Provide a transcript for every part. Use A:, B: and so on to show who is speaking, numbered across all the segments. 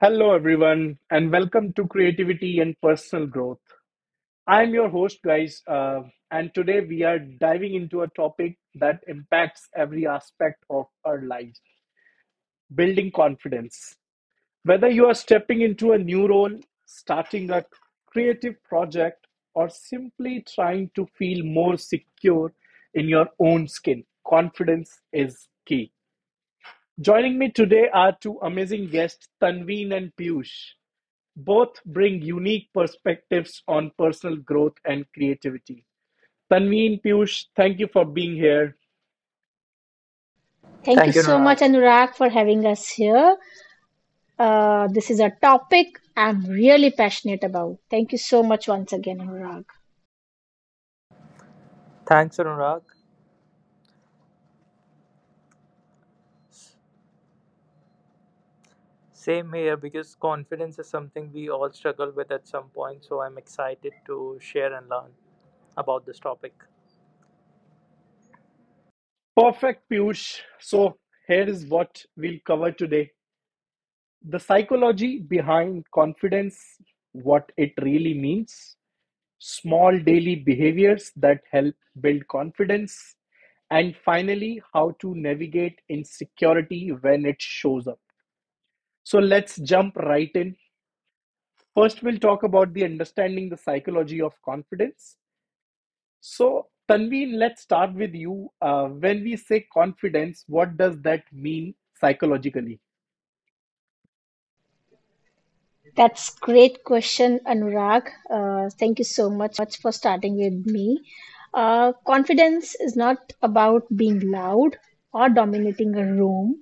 A: Hello, everyone, and welcome to Creativity and Personal Growth. I'm your host, guys, and today we are diving into a topic that impacts every aspect of our lives, building confidence. Whether you are stepping into a new role, starting a creative project, or simply trying to feel more secure in your own skin, confidence is key. Joining me today are two amazing guests, Tanveen and Piyush. Both bring unique perspectives on personal growth and creativity. Tanveen, Piyush, thank you for being here.
B: Thank you
C: Thank you,
B: so much,
C: Anurag.
B: Anurag, for having us here. This is a topic I'm really passionate about. Thank you so much once again, Anurag.
C: Thanks, Anurag. Same here, because confidence is something we all struggle with at some point. So I'm excited to share and learn about this topic.
A: Perfect, Piyush. So, here is what we'll cover today: the psychology behind confidence, what it really means, small daily behaviors that help build confidence, and finally, how to navigate insecurity when it shows up. So, let's jump right in. First, we'll talk about the understanding the psychology of confidence. So, Tanveen, let's start with you. When we say confidence, what does that mean psychologically?
B: That's great question, Anurag. Thank you so much for starting with me. Confidence is not about being loud or dominating a room.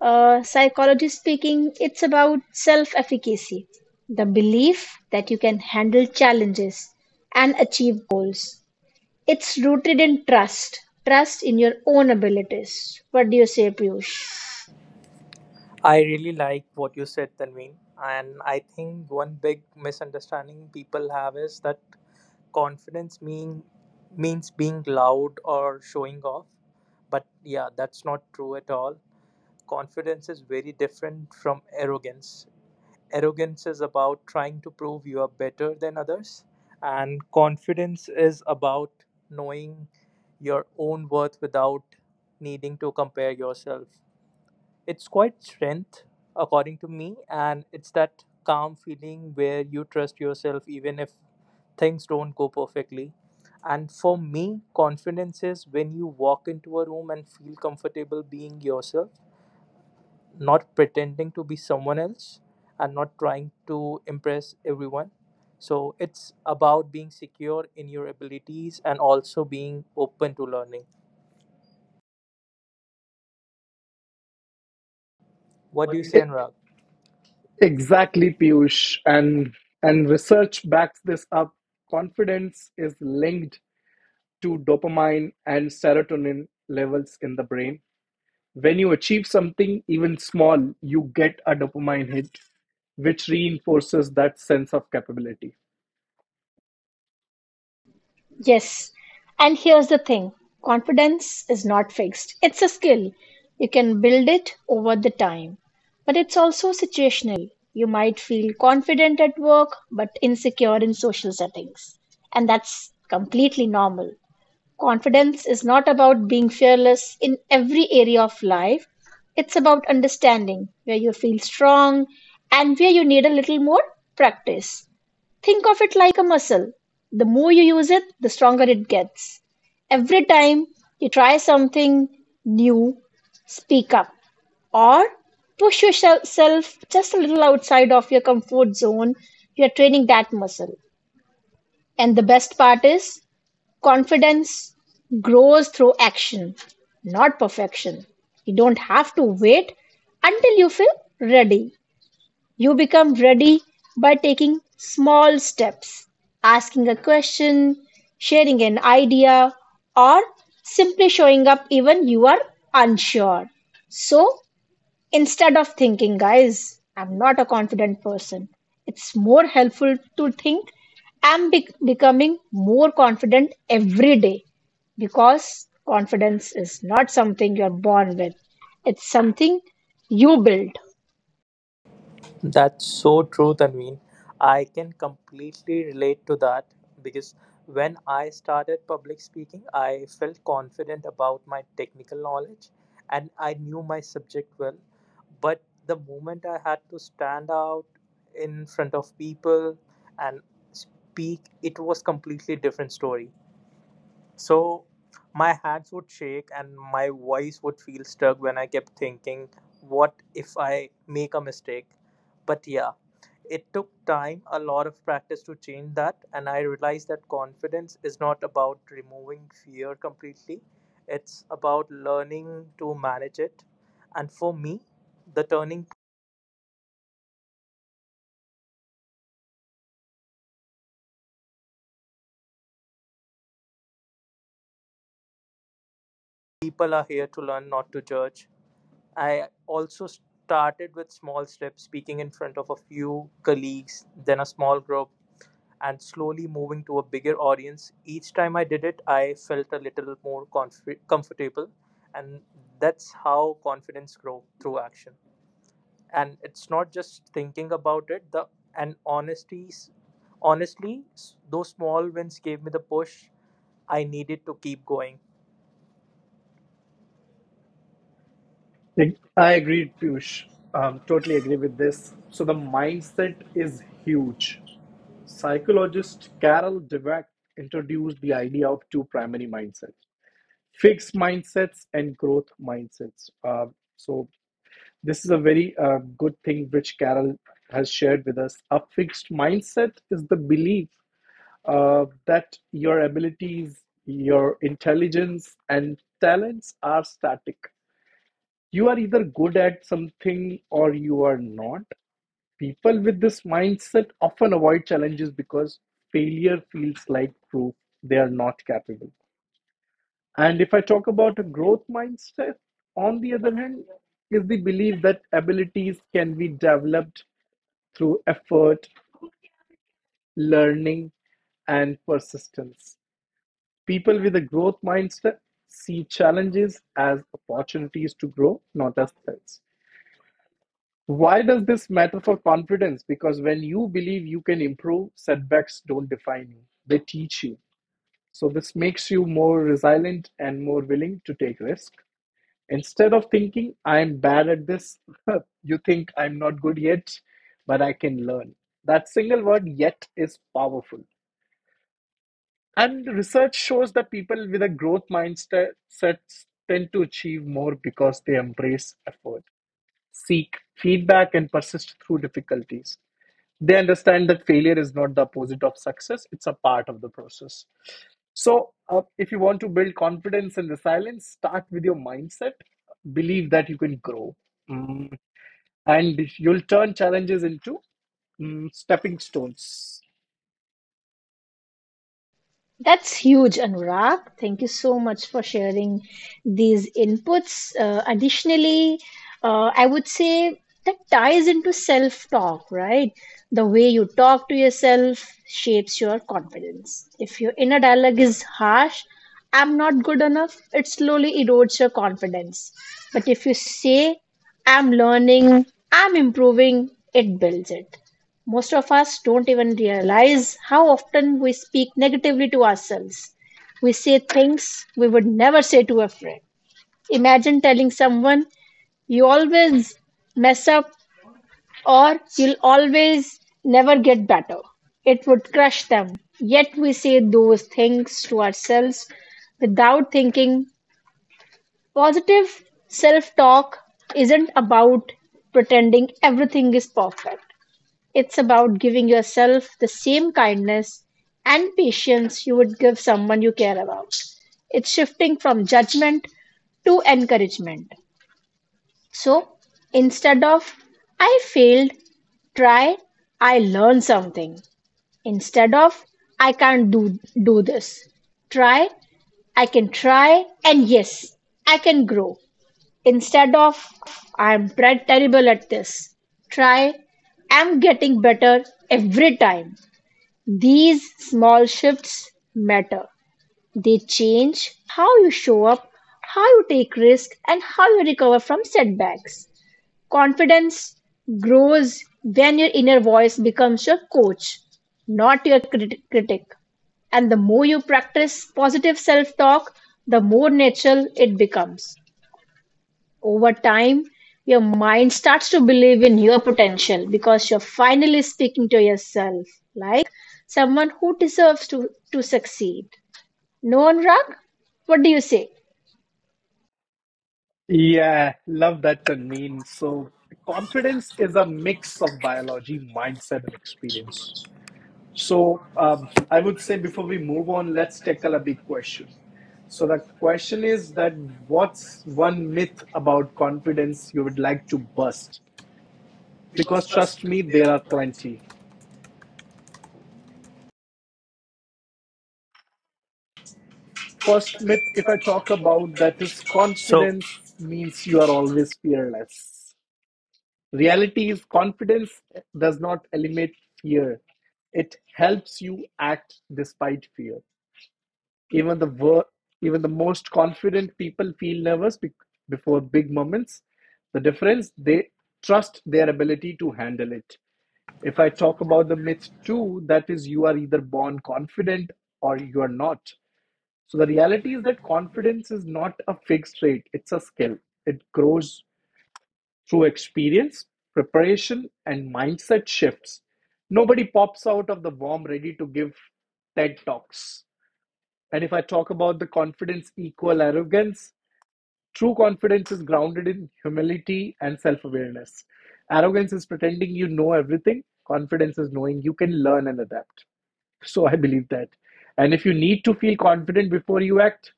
B: Psychology speaking, it's about self-efficacy, the belief that you can handle challenges and achieve goals. It's rooted in trust, trust in your own abilities. What do you say, Piyush?
C: I really like what you said, Tanveen. And I think one big misunderstanding people have is that confidence means being loud or showing off. But yeah, that's not true at all. Confidence is very different from arrogance. Arrogance is about trying to prove you are better than others, and confidence is about knowing your own worth without needing to compare yourself. It's quite strength, according to me, and it's that calm feeling where you trust yourself even if things don't go perfectly. And for me, confidence is when you walk into a room and feel comfortable being yourself, not pretending to be someone else and not trying to impress everyone. So it's about being secure in your abilities and also being open to learning. What do you say,
A: E-
C: Anurag?
A: Exactly, Piyush, and research backs this up. Confidence is linked to dopamine and serotonin levels in the brain. When you achieve something, even small, you get a dopamine hit, which reinforces that sense of capability.
B: Yes. And here's the thing, confidence is not fixed, it's a skill. You can build it over the time. But it's also situational. You might feel confident at work, but insecure in social settings. And that's completely normal. Confidence is not about being fearless in every area of life. It's about understanding where you feel strong and where you need a little more practice. Think of it like a muscle. The more you use it, the stronger it gets. Every time you try something new, speak up or push yourself just a little outside of your comfort zone, you're training that muscle. And the best part is, confidence grows through action, not perfection. You don't have to wait until you feel ready. You become ready by taking small steps, asking a question, sharing an idea, or simply showing up even you are unsure. So instead of thinking, guys, I'm not a confident person, it's more helpful to think I'm becoming more confident every day, because confidence is not something you're born with, it's something you build.
C: That's so true, Tanveen. I can completely relate to that, because when I started public speaking, I felt confident about my technical knowledge and I knew my subject well. But the moment I had to stand out in front of people and speak, it was completely different story. So my hands would shake and my voice would feel stuck when I kept thinking, what if I make a mistake? But yeah, it took time, a lot of practice to change that, and I realized that confidence is not about removing fear completely. It's about learning to manage it. And for me, the turning people are here to learn, not to judge. I also started with small steps, speaking in front of a few colleagues, then a small group, and slowly moving to a bigger audience. Each time I did it, I felt a little more comfortable, and that's how confidence grows through action. And it's not just thinking about it. The and honesty, honestly, s- Those small wins gave me the push I needed to keep going.
A: Like, I
C: I agree,
A: agree, Piyush.
C: Push.
A: Totally agree
C: Totally
A: with
C: with
A: this.
C: this.
A: So
C: So
A: the
C: the mindset
A: mindset
C: is
A: is
C: huge.
A: huge. Psychologist
C: Psychologists can
A: Carol Dweck introduced the idea of two primary mindsets: fixed mindsets and growth mindsets. So this is a very good thing which Carol has shared with us. A fixed mindset is the belief that your abilities, your intelligence, and talents are static. You are either good at something or you are not. People with this mindset often avoid challenges because failure feels like proof they are not capable. And if I talk about a growth mindset, on the other hand, is the belief that abilities can be developed through effort, learning, and persistence. People with a growth mindset see challenges as opportunities to grow, not as threats. Why does this matter for confidence? Because when you believe you can improve, setbacks don't define you, they teach you. So, this makes you more resilient and more willing to take risk. Instead of thinking, "I'm bad at this," you think, "I'm not good yet, but I can learn." That single word, yet, is powerful. And research shows that people with a growth mindset sets tend to achieve more because they embrace effort, seek feedback, and persist through difficulties. They understand that failure is not the opposite of success, it's a part of the process. So if you want to build confidence and resilience, start with your mindset. Believe that you can grow. Mm. And you'll turn challenges into stepping stones.
B: That's huge, Anurag. Thank you so much for sharing these inputs. Additionally, I would say that ties into self talk, right? The way you talk to yourself shapes your confidence. If your inner dialogue is harsh, I'm not good enough, it slowly erodes your confidence. But if you say, I'm learning, I'm improving, it builds it. Most of us don't even realize how often we speak negatively to ourselves. We say things we would never say to a friend. Imagine telling someone, you always mess up or you'll always never get better. It would crush them. Yet we say those things to ourselves without thinking. Positive self talk isn't about pretending everything is perfect. It's about giving yourself the same kindness and patience you would give someone you care about. It's shifting from judgment to encouragement. So instead of I failed, try I learned something. Instead of I can't do this, try I can try and yes, I can grow. Instead of I'm terrible at this, try I'm getting better every time. These small shifts matter. They change how you show up, how you take risk, and how you recover from setbacks. Confidence grows when your inner voice becomes your coach, not your critic. And the more you practice positive self talk, the more natural it becomes. Over time, your mind starts to believe in your potential because you're finally speaking to yourself like someone who deserves to succeed. No, Anurag? What do you say?
A: Yeah, love that, Tanveen. So
D: So
A: confidence is a mix of biology, mindset, and experience. So I
D: I
A: would
D: would
A: say
D: say
A: before
D: before
A: we
D: we
A: move
D: move
A: on,
D: on,
A: let's
D: let's
A: tackle
D: tackle a
A: a big
D: big question.
A: question. So
D: So
A: the
D: the question
A: question is
D: is
A: that
D: that
A: what's
D: what's
A: one
D: one
A: myth
D: myth
A: about
D: about
A: confidence
D: confidence
A: you
D: you
A: would
D: would
A: like
D: like to
A: to
D: bust?
A: bust? Because
D: Because trust
A: trust me,
D: me, there
A: there are
D: are plenty.
A: plenty. First
D: First,
A: myth,
D: if
A: if I
D: I talk
A: talk
D: about
A: about that, is
D: that, confidence So,
A: confidence
D: confidence
A: means
D: means
A: you
D: you're
A: are
D: always.
A: always fearless. Reality is confidence does not eliminate fear. It helps you act despite fear. Even the even the most confident people feel nervous bec before big moments. The difference, they trust their ability to handle it.
D: If
A: If
D: I
A: I
D: talk
A: talk
D: about
A: about
D: the
A: the myth
D: myth too,
A: too, that is, you are either born confident or you are not. So
D: the
A: the
D: reality
A: reality
D: is
A: is
D: that
A: that
D: confidence.
A: confidence is not a fixed rate, it's a skill. It grows through experience, preparation, and mindset shifts. Nobody pops out of the womb ready to give TED Talks. And if I talk about the confidence equal arrogance, true confidence is grounded in humility and self awareness. Arrogance is pretending you know everything, confidence is knowing you can learn and adapt. So I believe that. And if you need to feel confident before you act,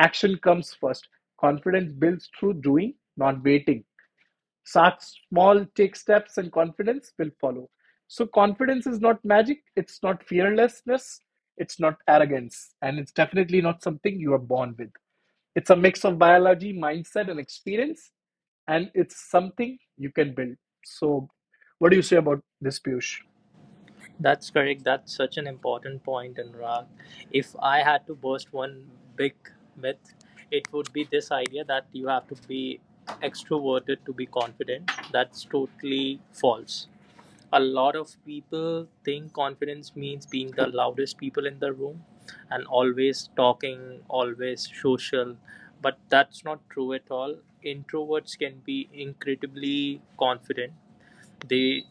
A: action comes first. Confidence builds through doing, not waiting. Such small take steps and confidence will follow. So, confidence is not magic, it's not fearlessness, it's not arrogance, and it's definitely not something you are born with. It's a mix of biology, mindset, and experience, and it's something you can build. So, what do you say about this, Piyush?
D: That's correct. That's such an important point, Anurag. If I had to burst one big myth, it would be this idea that you have to be extroverted to be confident. That's totally false. A lot of people think confidence means being the loudest people in the room and always talking, always social, but that's not true at all. Introverts can be incredibly confident, they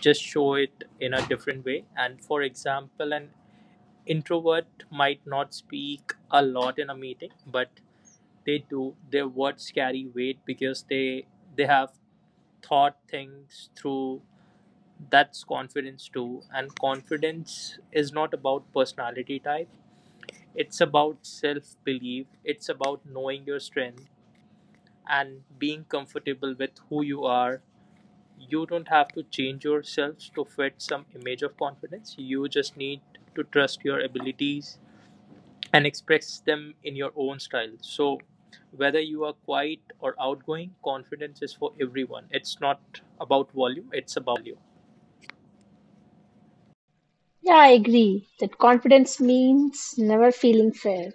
D: just show it in a different way. And for example, an introvert might not speak a lot in a meeting, but they do their words carry weight because they have thought things through. That's confidence too. And confidence is not about personality type, it's about self belief. It's about knowing your strength and being comfortable with who you are. You don't have to change yourselves to fit some image of confidence. You just need to trust your abilities and express them in your own style. So, whether you are quiet or outgoing, confidence is for everyone. It's not about volume, it's about the value.
B: Yeah, I agree that confidence means never feeling fear.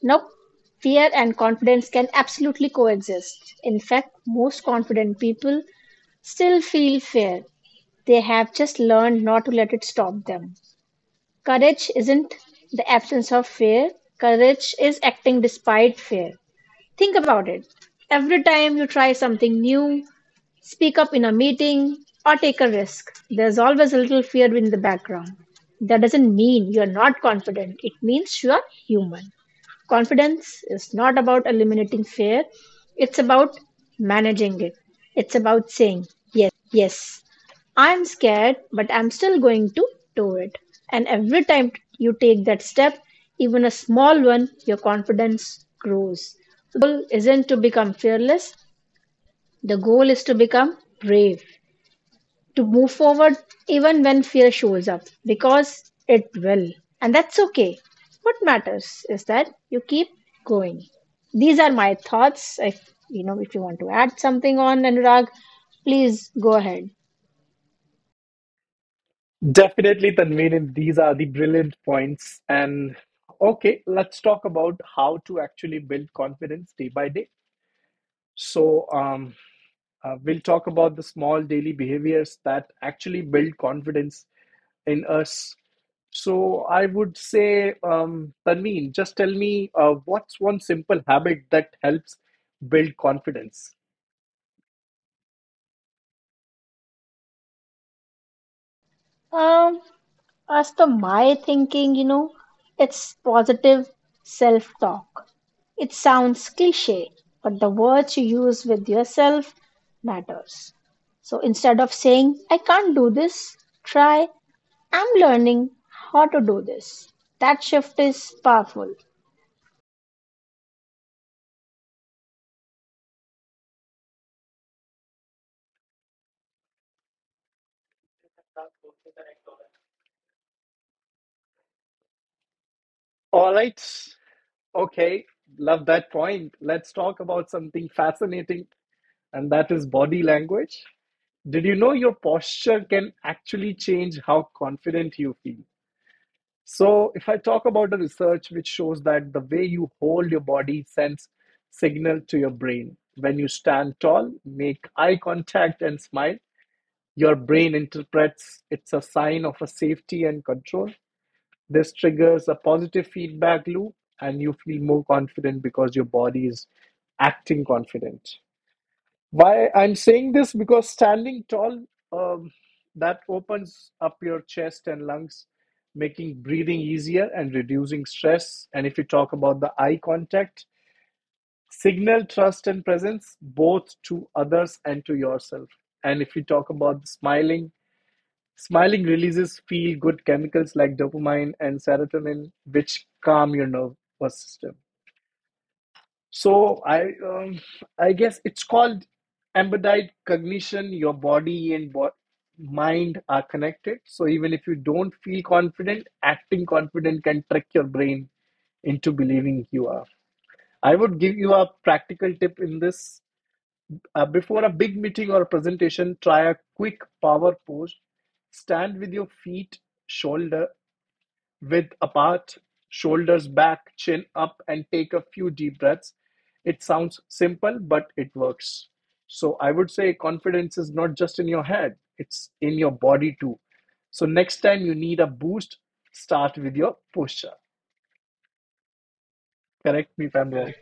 B: Nope. Fear and confidence can absolutely coexist. In fact, most confident people still feel fear. They have just learned not to let it stop them. Courage isn't the absence of fear, courage is acting despite fear. Think about it. Every time you try something new, speak up in a meeting, or take a risk, there's always a little fear in the background. That doesn't mean you're not confident, it means you're human. Confidence is not about eliminating fear, it's about managing it. It's about saying, yes, I'm scared, but I'm still going to do it. And every time you take that step, even a small one, your confidence grows. So the goal isn't to become fearless, the goal is to become brave, to move forward even when fear shows up because it will, and that's okay. What matters is that you keep going. These are my thoughts. If you want to add something on, Anurag, please go ahead.
A: Definitely, Tanveen, these are the brilliant points. And okay, let's talk about how to actually build confidence day by day. So, we'll talk about the small daily behaviors that actually build confidence in us. So I would say, Tanveen, just tell me what's one simple habit that helps build confidence?
B: um as to my thinking, it's positive self talk, it sounds cliche, but the words you use with yourself matters. So instead of saying I can't do this, try I'm learning how to do this. That shift is powerful.
A: All right. Okay. Love that point. Let's talk about something fascinating, and that is body language. Did you know your posture can actually change how confident you feel? So, if I talk about the research which shows that the way you hold your body sends signal to your brain. When you stand tall, make eye contact and smile, your brain interprets it's a sign of a safety and control. This triggers a positive feedback loop and you feel more confident because your body is acting confident. Why I'm saying this, because standing tall, um, that opens up your chest and lungs, making breathing easier and reducing stress. And if you talk about the eye contact, signal trust and presence both to others and to yourself. And if you talk about smiling, smiling releases feel good chemicals like dopamine and serotonin, which calm your nervous system. So I guess it's called embodied cognition. Your body and mind are connected. So even if you don't feel confident, acting confident can trick your brain into believing you are. I would give you a practical tip in this. Before a big meeting or a presentation, try a quick power pose. Stand with your feet shoulder width apart, shoulders back, chin up, and take a few deep breaths. It sounds simple, but it works. So I would say confidence is not just in your head, it's in your body too. So next time you need a boost, start with your posture. Correct me if I'm wrong.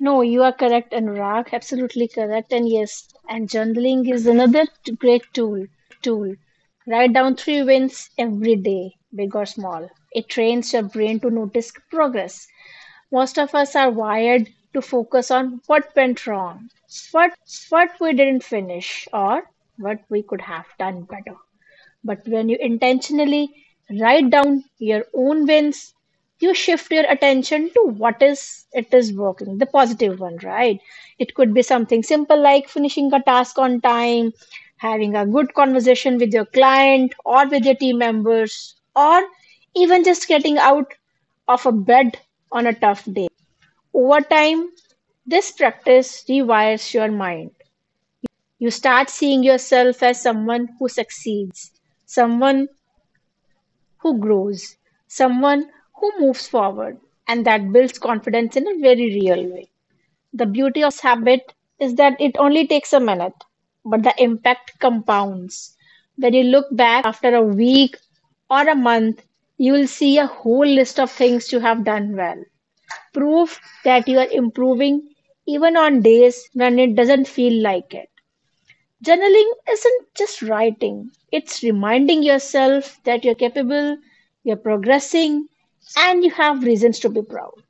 B: No, you are correct, Anurag. Absolutely correct. And yes, and journaling is another great tool. Write down 3 wins every day, big or small. It trains your brain to notice progress. Most of us are wired to focus on what went wrong, what we didn't finish, or what we could have done better. But when you intentionally write down your own wins, you shift your attention to what is it is working, the positive one, right? It could be something simple like finishing a task on time, having a good conversation with your client or with your team members, or even just getting out of a bed on a tough day. Over time, this practice rewires your mind. You start seeing yourself as someone who succeeds, someone who grows, someone who moves forward, and that builds confidence in a very real way. The beauty of this habit is that it only takes a minute, but the impact compounds. When you look back after a week or a month, you will see a whole list of things you have done well. Proof that you are improving even on days when it doesn't feel like it. Journaling isn't just writing, it's reminding yourself that you're capable, you're progressing, and you have reasons to be proud.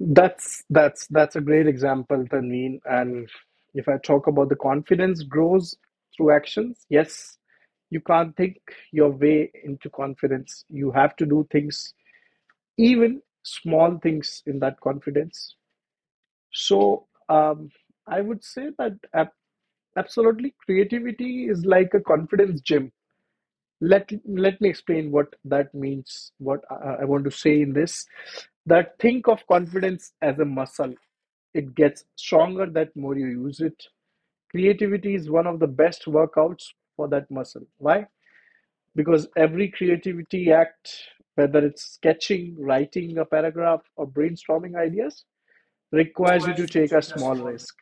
A: That's a great example, Tanveen. And if I talk about the confidence grows through actions, yes, you can't think your way into confidence. You have to do things, even small things in that confidence. So I would say that absolutely creativity is like a confidence gym. Let me explain what that means. What I want to say in this, that think of confidence as a muscle. It gets stronger the more you use it. Creativity is one of the best workouts for that muscle. Why? Because every creativity act, whether it's sketching, writing a paragraph, or brainstorming ideas, requires you to take a small risk.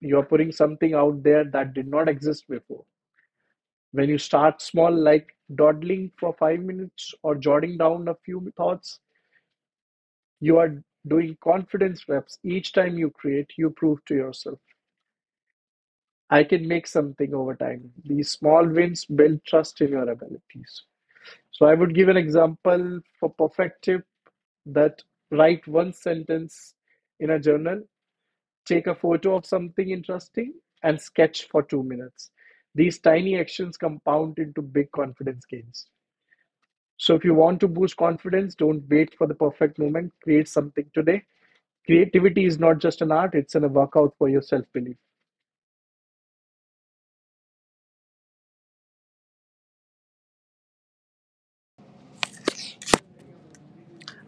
A: You're putting something out there that did not exist before. When you start small, like dawdling for 5 minutes or jotting down a few thoughts, you are doing confidence reps. Each time you create, you prove to yourself, "I can make something." Over time, these small wins build trust in your abilities. So I would give an example for perfective: that write one sentence in a journal, take a photo of something interesting, and sketch for 2 minutes. These tiny actions compound into big confidence gains. So if you want to boost confidence, don't wait for the perfect moment. Create something today. Creativity is not just an art, it's a workout for your self belief.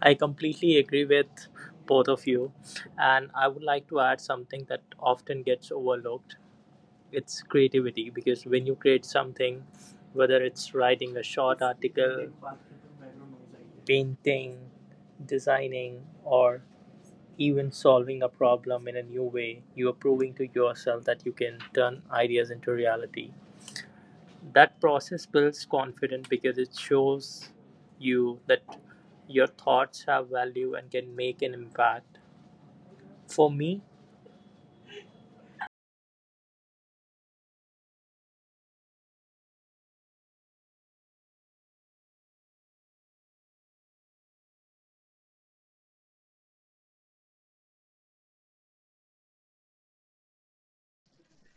C: I completely agree with both of you. And I would like to add something that often gets overlooked, it's creativity. Because when you create something, whether it's writing a short article, painting, designing, or even solving a problem in a new way, you are proving to yourself that you can turn ideas into reality. That process builds confidence because it shows you that your thoughts have value and can make an impact. For me,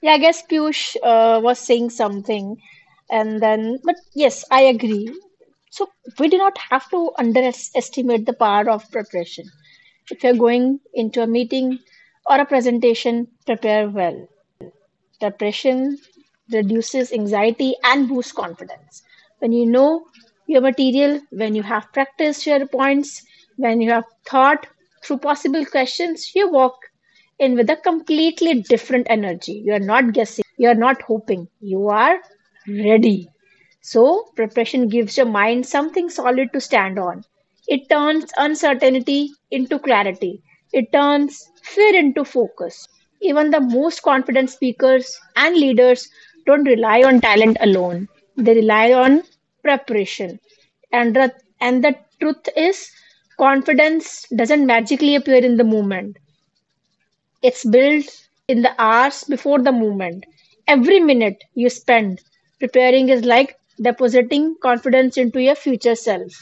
B: Yeah, I guess Piyush was saying something, and then, but yes, I agree. So we do not have to underestimate the power of preparation. If you're going into a meeting or a presentation, prepare well. Preparation reduces anxiety and boosts confidence. When you know your material, when you have practiced your points, when you have thought through possible questions, you walk in with a completely different energy. You are not guessing, you are not hoping, you are ready. So, preparation gives your mind something solid to stand on. It turns uncertainty into clarity, it turns fear into focus. Even the most confident speakers and leaders don't rely on talent alone, they rely on preparation. And the truth is, confidence doesn't magically appear in the moment, it's built in the hours before the movement. Every minute you spend preparing is like depositing confidence into your future self.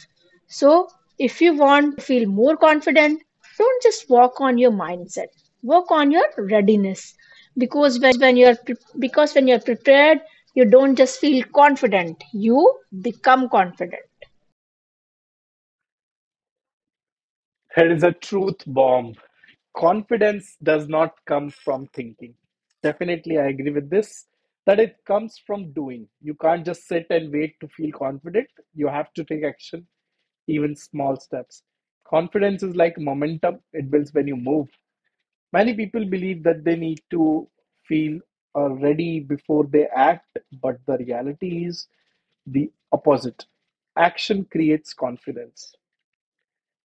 B: So, if you want to feel more confident, don't just work on your mindset. Work on your readiness, because when you're prepared, you don't just feel confident, you become confident.
A: Here is a truth bomb. Confidence does not come from thinking. Definitely, I agree with this that it comes from doing. You can't just sit and wait to feel confident. You have to take action, even small steps. Confidence is like momentum, it builds when you move. Many people believe that they need to feel ready before they act, but the reality is the opposite. Action creates confidence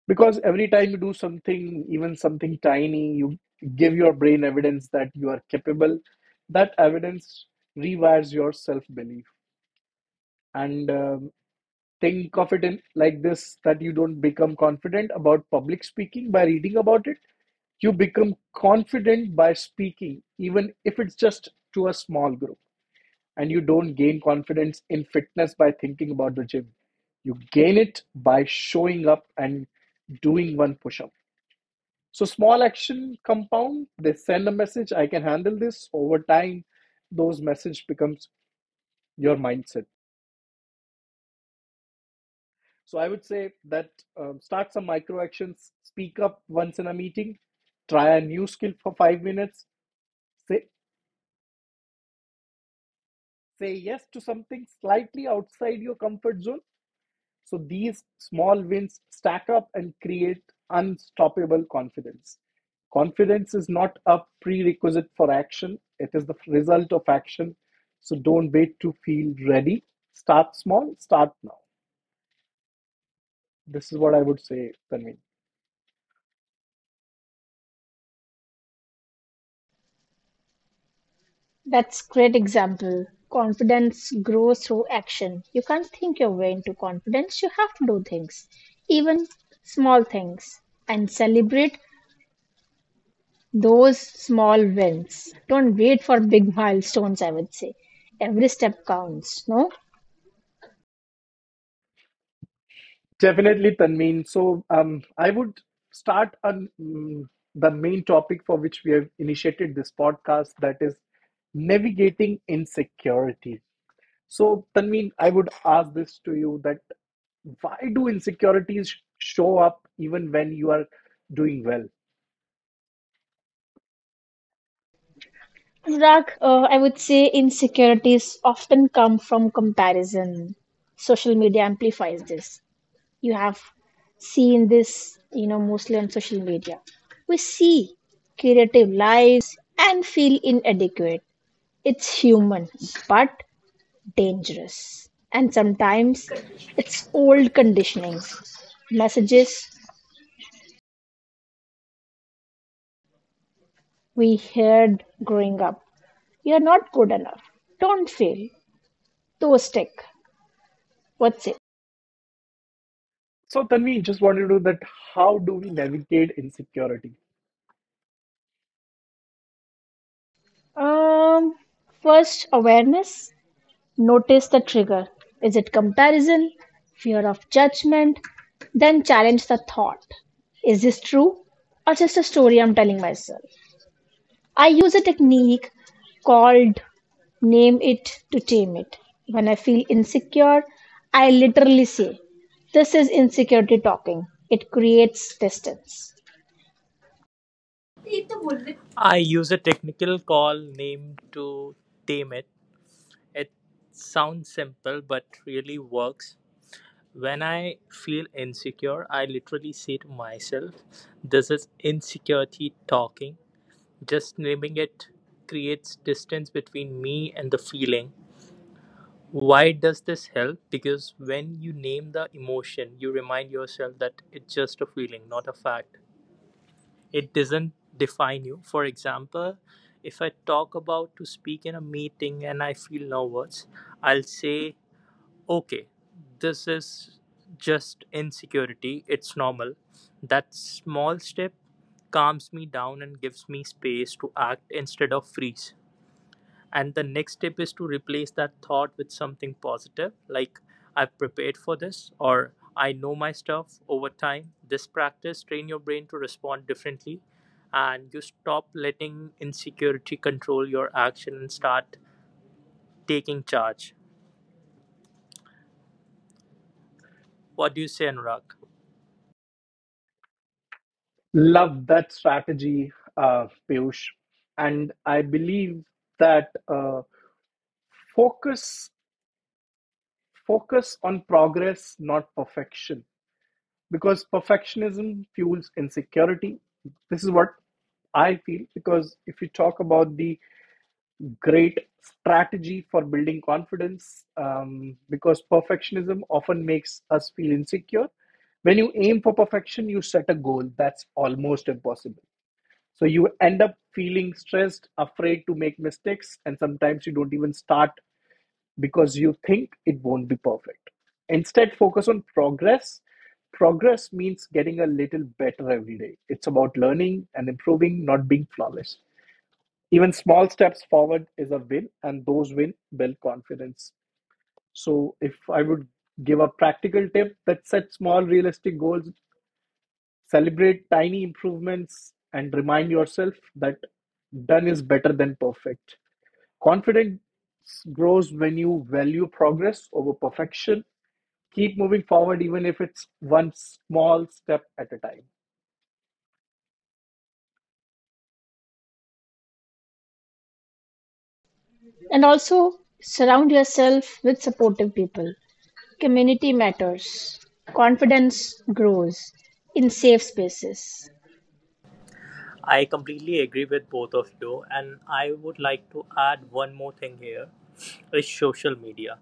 A: because every time you do something, even something tiny, you give your brain evidence that you are capable. That evidence rewires your self belief. And think of it in like this, that you don't become confident about public speaking by reading about it, you become confident by speaking, even if it's just to a small group. And you don't gain confidence in fitness by thinking about the gym, you gain it by showing up and doing one push up. So small action compound, they send a message, "I can handle this." Over time, those message becomes your mindset. So I would say that start some micro actions, speak up once in a meeting, try a new skill for 5 minutes, say, say yes to something slightly outside your comfort zone. So these small wins stack up and create unstoppable confidence. Confidence is not a prerequisite for action, it is the result of action. So don't wait to feel ready. Start small, start now. This is what I would say, Tanveen.
B: That's great example. Confidence grows through action. You can't think your way into confidence. You have to do things, even small things, and celebrate those small wins. Don't wait for big milestones, I would say. Every step counts, no?
A: Definitely, Tanveen. So I would start on the main topic for which we have initiated this podcast, that is navigating insecurity. So, Tanveen, I would ask this to you that why do insecurities show up even when you are doing well?
B: Anurag, I would say insecurities often come from comparison. Social media amplifies this. You have seen this, mostly on social media. We see creative lives and feel inadequate. It's human, but dangerous. And sometimes it's old conditioning, messages we heard growing up. You're not good enough. Don't fail. Those stick. What's it?
A: So, Tanveen, just wanted to know that how do we navigate insecurity?
B: Um, First, awareness. Notice the trigger: is it comparison, fear of judgment? Then challenge the thought: is this true or just a story I'm telling myself? I use a technique called name it to tame it. When I feel insecure, I literally say, this is insecurity talking. It creates distance.
C: I use a technical call name to tame it. It sounds simple but really works. When I feel insecure, I literally say to myself, "This is insecurity talking." Just naming it creates distance between me and the feeling. Why does this help? Because when you name the emotion, you remind yourself that it's just a feeling, not a fact. It doesn't define you. For example, if I talk about to speak in a meeting and I feel nervous, I'll say, okay, this is just insecurity. It's normal. That small step calms me down and gives me space to act instead of freeze. And the next step is to replace that thought with something positive, like I've prepared for this or I know my stuff. Over time, this practice train your brain to respond differently, and you stop letting insecurity control your action and start taking charge. What do you say, Anurag?
A: Love that strategy, Piyush. And I believe that focus focus on progress, not perfection, because perfectionism fuels insecurity. This is what I feel because if you talk about the great strategy for building confidence, because perfectionism often makes us feel insecure. When you aim for perfection, you set a goal that's almost impossible. So you end up feeling stressed, afraid to make mistakes, and sometimes you don't even start because you think it won't be perfect. Instead, focus on progress. Progress means getting a little better every day. It's about learning and improving, not being flawless. Even small steps forward is a win, and those win build confidence. So if I would give a practical tip, that set small realistic goals, celebrate tiny improvements, and remind yourself that done is better than perfect. Confidence grows when you value progress over perfection. Keep moving forward, even if it's one small step at a time.
B: And also surround yourself with supportive people. Community matters. Confidence grows in safe spaces.
C: I completely agree with both of you, and I would like to add one more thing here is social media.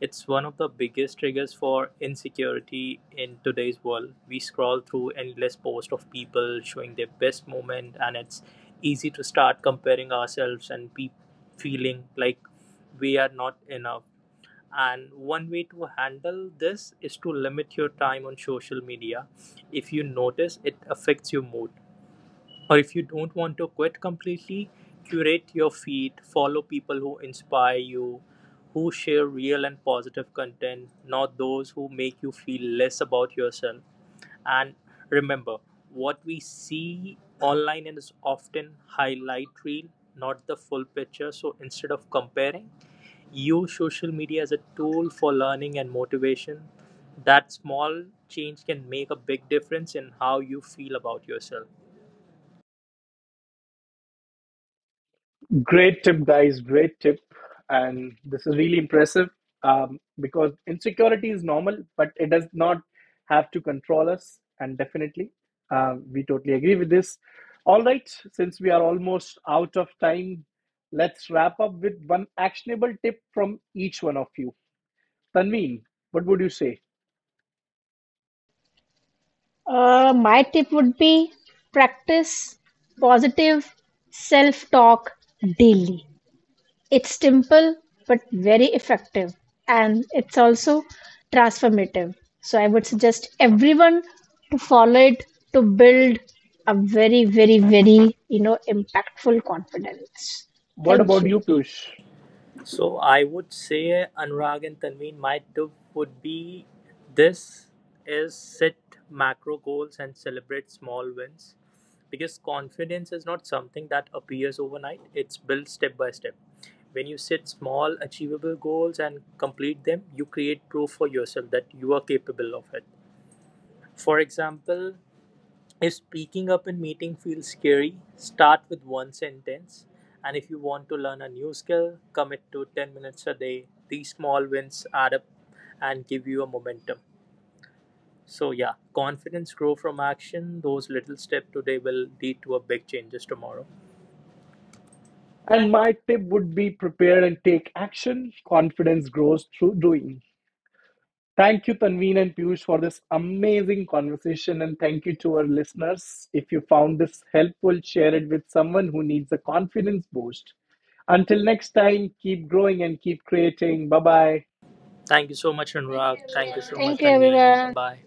C: It's one of the biggest triggers for insecurity in today's world. We scroll through endless posts of people showing their best moment, and it's easy to start comparing ourselves and be feeling like we are not enough. And one way to handle this is to limit your time on social media. If you notice it affects your mood, or if you don't want to quit completely, curate your feed, follow people who inspire you, who share real and positive content, not those who make you feel less about yourself. And remember, what we see online is often highlight reel, not the full picture. So instead of comparing, use social media as a tool for learning and motivation. That small change can make a big difference in how you feel about yourself.
A: Great tip, guys. Great tip. And this is really impressive, because insecurity is normal, but it does not have to control us. And definitely, we totally agree with this. All right, since we are almost out of time, let's wrap up with one actionable tip from each one of you. Tanveen, what would you say?
B: My tip would be practice positive self talk daily. It's simple but very effective and it's also transformative. So I would suggest everyone to follow it to build a very, very, very, impactful confidence.
A: What
B: Thank
A: about
B: you.
A: you, Piyush?
C: So I would say, Anurag and Tanveen, my tip would be this is set macro goals and celebrate small wins, because confidence is not something that appears overnight. It's built step by step. When you set small achievable goals and complete them, you create proof for yourself that you are capable of it. For example, if speaking up in meeting feels scary, start with one sentence. And if you want to learn a new skill, commit to 10 minutes a day. These small wins add up and give you a momentum. So yeah, confidence grow from action. Those little steps today will lead to a big changes tomorrow.
A: And my tip would be prepare and take action. Confidence grows through doing. Thank you, Tanveen and Piyush, for this amazing conversation. And thank you to our listeners. If you found this helpful, share it with someone who needs a confidence boost. Until next time, keep growing and keep creating. Bye bye.
C: Thank you so much, Anurag. Thank you so much, Tanveen. Bye bye.